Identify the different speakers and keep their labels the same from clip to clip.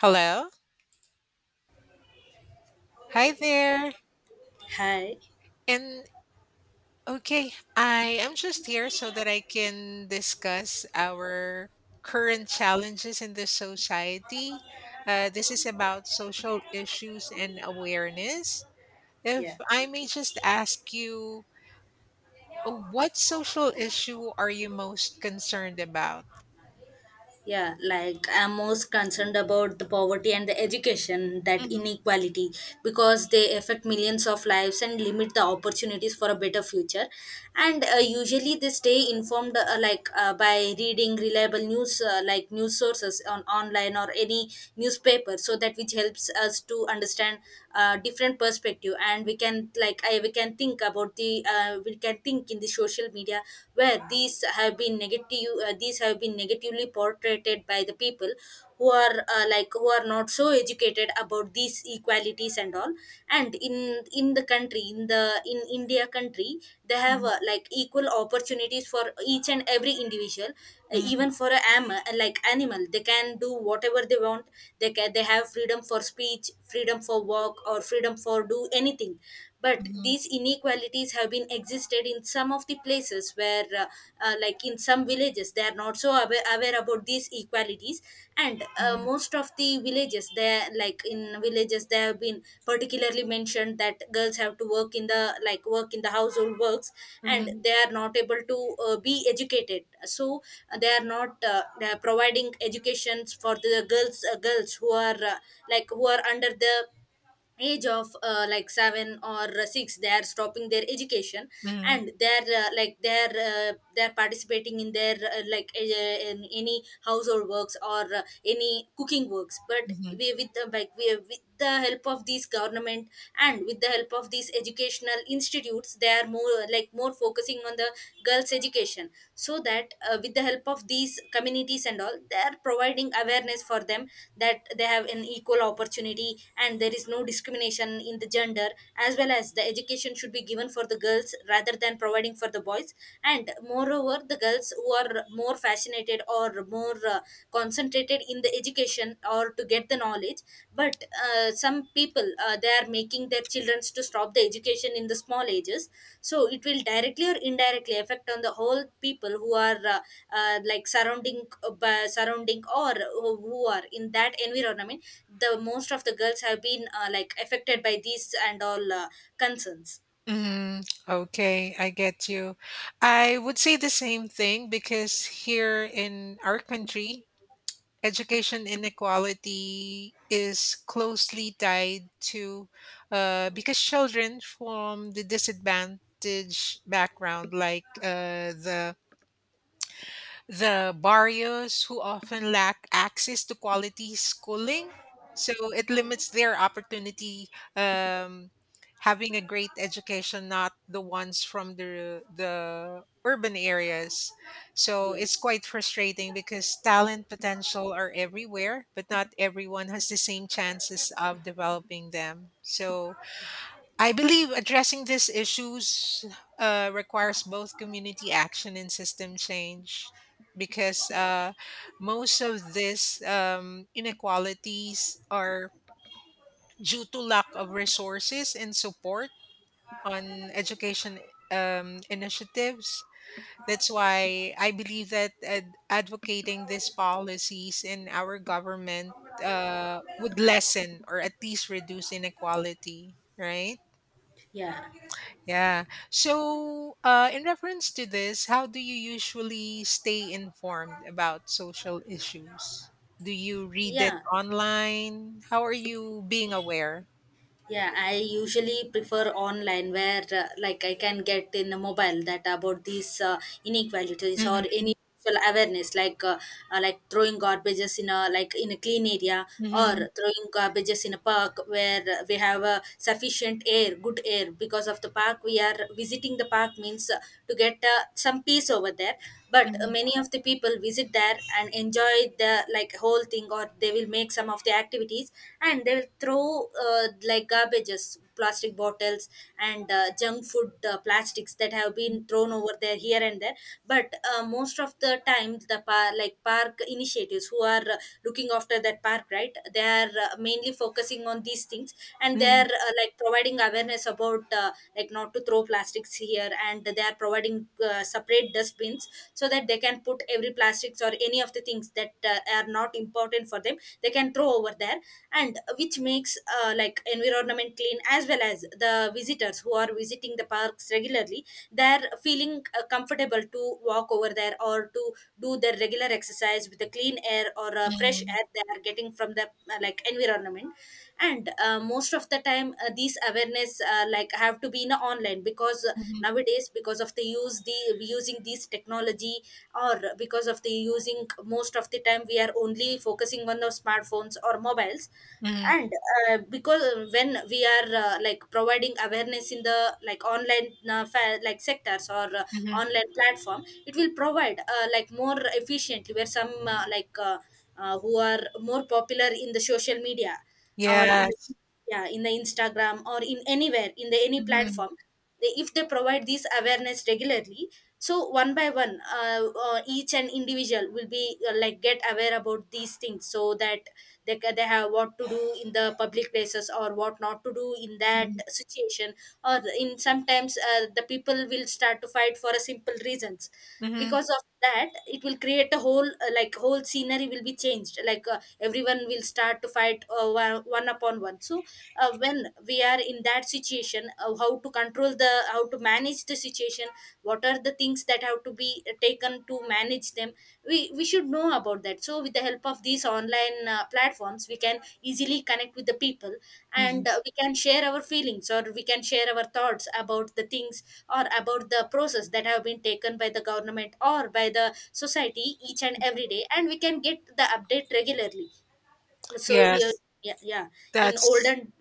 Speaker 1: Hello. Hi there.
Speaker 2: Hi.
Speaker 1: And okay, I am just here so that I can discuss our current challenges in the society. This is about social issues and awareness. If
Speaker 2: Yeah.
Speaker 1: I may just ask you, what social issue are you most concerned about?
Speaker 2: Yeah, like I'm most concerned about the poverty and the education, that
Speaker 1: Mhm,
Speaker 2: inequality, because they affect millions of lives and limit the opportunities for a better future. And usually they stay informed by reading reliable news news sources on online or any newspaper, so that which helps us to understand different perspective. And we can, like, I we can think about the we can think in the social media where these have been negatively portrayed by the people who are not so educated about these equalities and all. And in the country, in India country, they have
Speaker 1: mhm,
Speaker 2: equal opportunities for each and every individual,
Speaker 1: mhm,
Speaker 2: even for a am like animal. They can do whatever they want. They have freedom for speech, freedom for work, or freedom for do anything. But
Speaker 1: mhm,
Speaker 2: these inequalities have been existed in some of the places where in some villages they are not so aware about these equalities. And
Speaker 1: mhm,
Speaker 2: most of the villages, they like in villages, they have been particularly mentioned that girls have to work in the, like, work in the household works. And
Speaker 1: mhm,
Speaker 2: they are not able to be educated. So they are not they are providing educations for the girls who are who are under the age of seven or six. They are stopping their education,
Speaker 1: mhm,
Speaker 2: and they're, they're participating in their in any household works or any cooking works. But
Speaker 1: mhm,
Speaker 2: we, with the, like, we with the help of these government and with the help of these educational institutes, they are more focusing on the girls education, so that with the help of these communities and all, they are providing awareness for them that they have an equal opportunity, and there is no discrimination in the gender, as well as the education should be given for the girls rather than providing for the boys. And moreover, the girls who are more fascinated or more concentrated in the education or to get the knowledge, but some people, they are making their children to stop the education in the small ages. So it will directly or indirectly affect on the whole people who are surrounding, surrounding, or who are in that environment. The most of the girls have been affected by these and all concerns.
Speaker 1: hmm. Okay, I get you. I would say the same thing because here in our country, education inequality is closely tied to, because children from the disadvantaged background, the barrios who often lack access to quality schooling. So it limits their opportunity, um, having a great education, not the ones from the urban areas. So
Speaker 2: Yeah.
Speaker 1: it's quite frustrating because talent potential are everywhere, but not everyone has the same chances of developing them. So I believe addressing these issues requires both community action and system change, because most of these inequalities are due to lack of resources and support on education initiatives. That's why I believe that advocating these policies in our government would lessen or at least reduce inequality, right?
Speaker 2: Yeah.
Speaker 1: Yeah. So, in reference to this, how do you usually stay informed about social issues? Do you read it
Speaker 2: Yeah.
Speaker 1: online? How are you being aware?
Speaker 2: Yeah, I usually prefer online, where I can get in a mobile that about these inequalities or
Speaker 1: Mhm,
Speaker 2: any social awareness, like throwing garbages in a, in a clean area, or
Speaker 1: mhm,
Speaker 2: throwing garbages in a park where we have a sufficient air, good air. Because of the park we are visiting, the park means to get some peace over there. But
Speaker 1: mhm,
Speaker 2: many of the people visit there and enjoy the, like, whole thing, or they will make some of the activities, and they will throw garbages, plastic bottles, and junk food, plastics that have been thrown over there, here and there. But most of the time, the park initiatives who are looking after that park, right, they are mainly focusing on these things, and they
Speaker 1: mhm,
Speaker 2: are providing awareness about not to throw plastics here, and they are providing separate dustbins, so that they can put every plastics or any of the things that are not important for them, they can throw over there. And which makes environment clean, as well as the visitors who are visiting the parks regularly, they're feeling comfortable to walk over there or to do their regular exercise with the clean air or fresh
Speaker 1: mhm,
Speaker 2: air they are getting from the environment. And most of the time, these awareness have to be in a online. Because
Speaker 1: mhm,
Speaker 2: nowadays, because of the using these technology, or because of the using, most of the time we are only focusing on the smartphones or mobiles.
Speaker 1: mhm,
Speaker 2: And because, when we are providing awareness in the, like, online sectors, or
Speaker 1: mhm.
Speaker 2: online platform, it will provide more efficiently, where some who are more popular in the social media, or
Speaker 1: Yes.
Speaker 2: yeah, in the Instagram, or in anywhere in the any
Speaker 1: Mhm,
Speaker 2: platform, if they provide this awareness regularly, so one by one, each and individual will be get aware about these things, so that they have what to do in the public places or what not to do in that
Speaker 1: mhm,
Speaker 2: situation. Or in sometimes, the people will start to fight for a simple reasons,
Speaker 1: mhm,
Speaker 2: because of that it will create a whole, whole scenery will be changed, like everyone will start to fight, one upon one. So when we are in that situation, how to control the how to manage the situation, what are the things that have to be taken to manage them, we should know about that. So with the help of these online platforms, we can easily connect with the people,
Speaker 1: mhm.
Speaker 2: and we can share our feelings, or we can share our thoughts about the things, or about the process that have been taken by the government or by the society each and every day, and we can get the update regularly. So yeah.
Speaker 1: Yes.
Speaker 2: Yeah, yeah. In
Speaker 1: That's
Speaker 2: olden.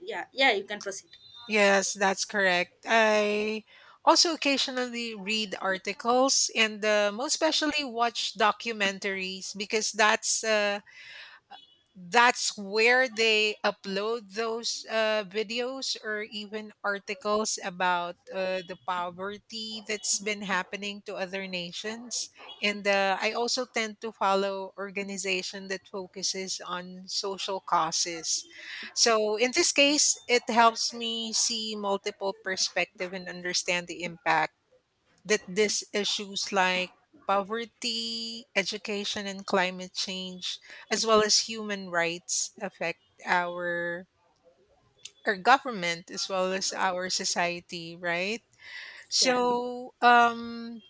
Speaker 2: Yeah, yeah, you can proceed.
Speaker 1: Yes, that's correct. I also occasionally read articles and, most especially watch documentaries, because that's where they upload those videos or even articles about the poverty that's been happening to other nations. And I also tend to follow organization that focuses on social causes, so in this case it helps me see multiple perspective and understand the impact that these issues, like poverty, education, and climate change, as well as human rights, affect our our government as well as our society, right?
Speaker 2: Yeah.
Speaker 1: So,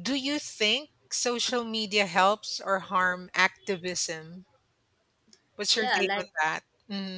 Speaker 1: do you think social media helps or harm activism? What's your
Speaker 2: yeah
Speaker 1: take on
Speaker 2: like
Speaker 1: that?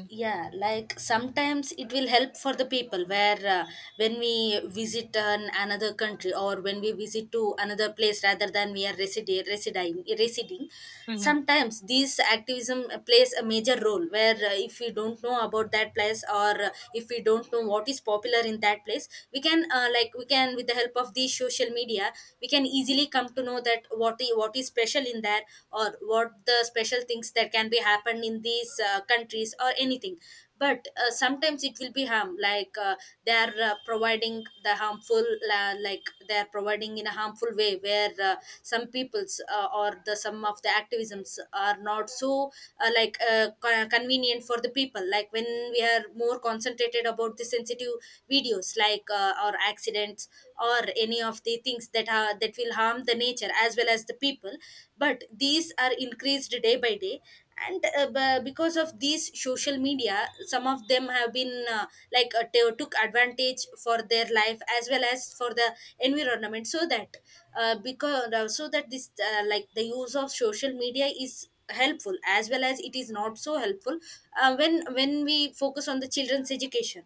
Speaker 2: yeah, like sometimes it will help for the people, where uh, when we visit another country, or when we visit to another place rather than we are residing.
Speaker 1: Mm-hmm.
Speaker 2: Sometimes this activism plays a major role, where if we don't know about that place, or if we don't know what is popular in that place, we can, with the help of these social media, we can easily come to know that what is special in there, or sure what the special things that can be happen in these countries or anything. But sometimes it will be harm, like, they are providing the harmful like they are providing in a harmful way, where some peoples, or the some of the activisms are not so convenient for the people. Like, when we are more concentrated about the sensitive videos, like, or accidents, or any of the things that are that will harm the nature as well as the people. But these are increased day by day. And because of these social media, some of them have been took advantage for their life as well as for the environment. So that because so that this like the use of social media is helpful, as well as it is not so helpful. When we focus on the children's education,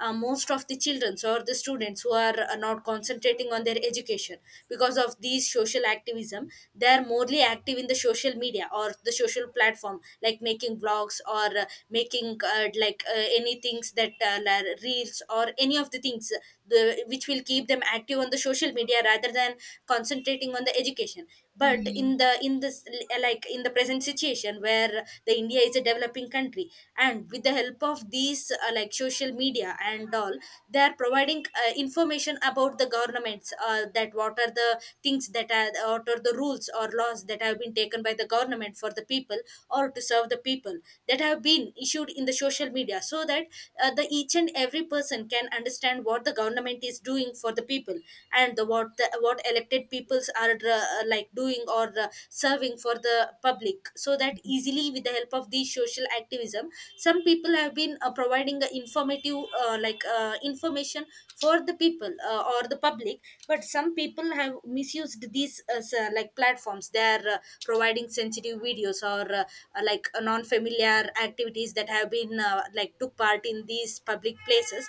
Speaker 2: most of the children or the students who are not concentrating on their education because of these social activism, they are morely active in the social media or the social platform, like making blogs, or making any things that, reels, or any of the things, which will keep them active on the social media rather than concentrating on the education. But
Speaker 1: Hmm.
Speaker 2: in the in this like in the present situation, where the India is a developing country, and with the help of these social media and all, they are providing information about the governments, that what are the rules or laws that have been taken by the government for the people, or to serve the people, that have been issued in the social media. So that the each and every person can understand what the government is doing for the people, and the what about what elected peoples are doing or serving for the public. So that easily, with the help of these social activism, some people have been providing a informative information for the people, or the public. But some people have misused these platforms. They are providing sensitive videos, or non-familiar activities that have been took part in these public places.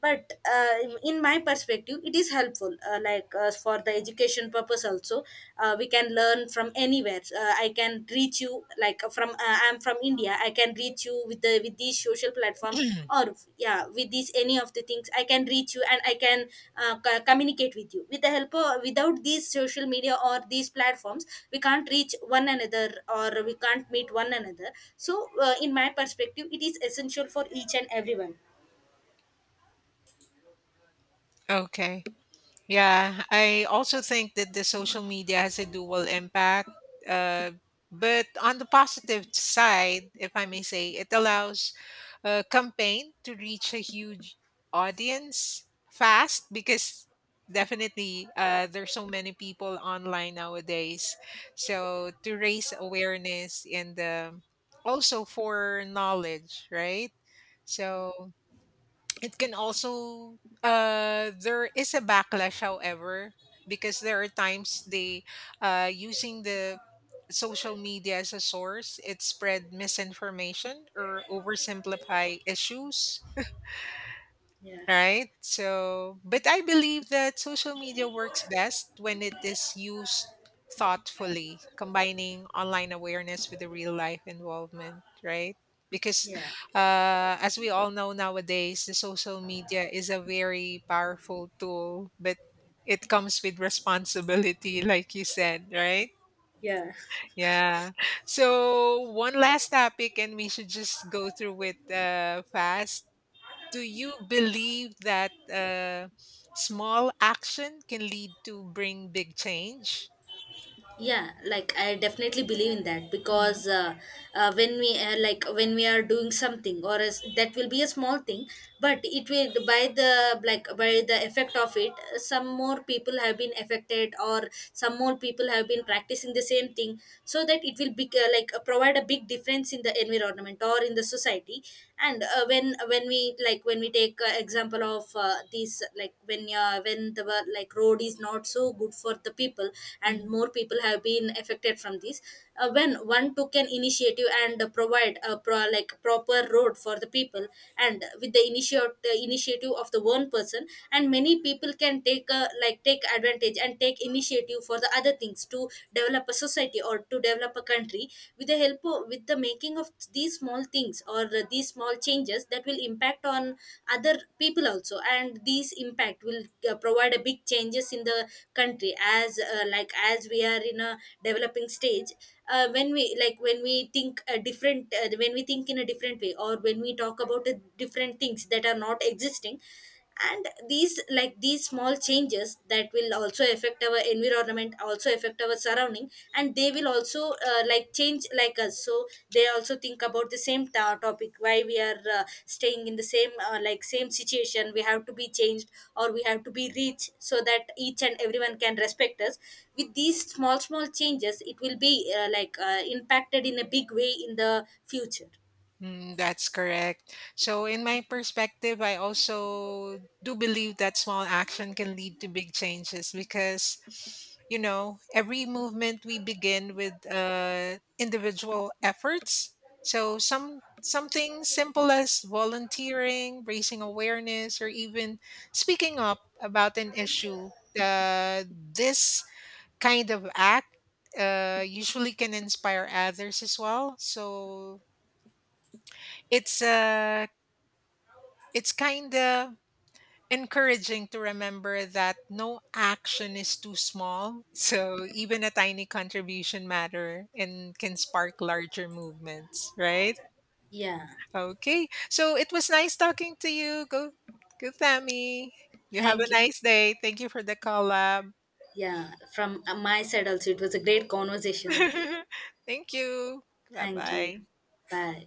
Speaker 2: But in my perspective, it is helpful, for the education purpose also. We can learn from anywhere. I can reach you, like from I'm from India, I can reach you with these social platform, or yeah, with these any of the things I can reach you, and I can communicate with you. With the help of, without these social media or these platforms, we can't reach one another, or we can't meet one another. So in my perspective, it is essential for each and everyone.
Speaker 1: Okay. Yeah, I also think that the social media has a dual impact. Uh, but on the positive side, if I may say, it allows a campaign to reach a huge audience fast, because definitely there's so many people online nowadays. So to raise awareness and also for knowledge, right? So it can also there is a backlash, however, because there are times they, using the social media as a source, it spread misinformation or oversimplify issues,
Speaker 2: Yeah.
Speaker 1: right? So, but I believe that social media works best when it is used thoughtfully, combining online awareness with the real life involvement, right? Because,
Speaker 2: Yeah.
Speaker 1: as we all know nowadays, the social media is a very powerful tool, but it comes with responsibility, like you said, right?
Speaker 2: Yeah.
Speaker 1: Yeah. So, one last topic, and we should just go through it fast. Do you believe that small action can lead to bring big change?
Speaker 2: Yeah, like I definitely believe in that.
Speaker 1: Mhm,
Speaker 2: Because when we, when we are doing something, or as that will be a small thing, but it will, by the, effect of it, some more people have been affected, or some more people have been practicing the same thing, so that it will be provide a big difference in the environment or in the society. And when we like when we take example of these, like, when, when the wo- like road is not so good for the people, and
Speaker 1: mhm.
Speaker 2: more people have been affected from this, when one took an initiative and provide a proper road for the people, and with the initiative of the one person, and many people can take like take advantage and take initiative for the other things to develop a society or to develop a country. With the help of, with the making of these small things or these small changes, that will impact on other people also, and these impact will provide a big changes in the country. As as we are in a developing stage, when we like when we think a different, when we think in a different way, or when we talk about a different things that are not existing, and these small changes that will also affect our environment, also affect our surrounding, and they will also change like us, so they also think about the same topic, why we are staying in the same, same situation. We have to be changed, or we have to be reached, so that each and everyone can respect us. With these small changes, it will be impacted in a big way in the future.
Speaker 1: Mm, that's correct. So, in my perspective, I also do believe that small action can lead to big changes because, you know, every movement we begin with individual efforts. So, something simple as volunteering, raising awareness, or even speaking up about an issue. This kind of act usually can inspire others as well. So, it's uh it's kind of encouraging to remember that no action is too small. So even a tiny contribution matter and can spark larger movements, right?
Speaker 2: Yeah.
Speaker 1: Okay. So it was nice talking to you. Go Tammy. You have a
Speaker 2: Thank you.
Speaker 1: nice day. Thank you for the collab.
Speaker 2: Yeah, from my side also, it was a great conversation with you.
Speaker 1: Thank you. Bye
Speaker 2: Thank you.
Speaker 1: bye.
Speaker 2: Bye.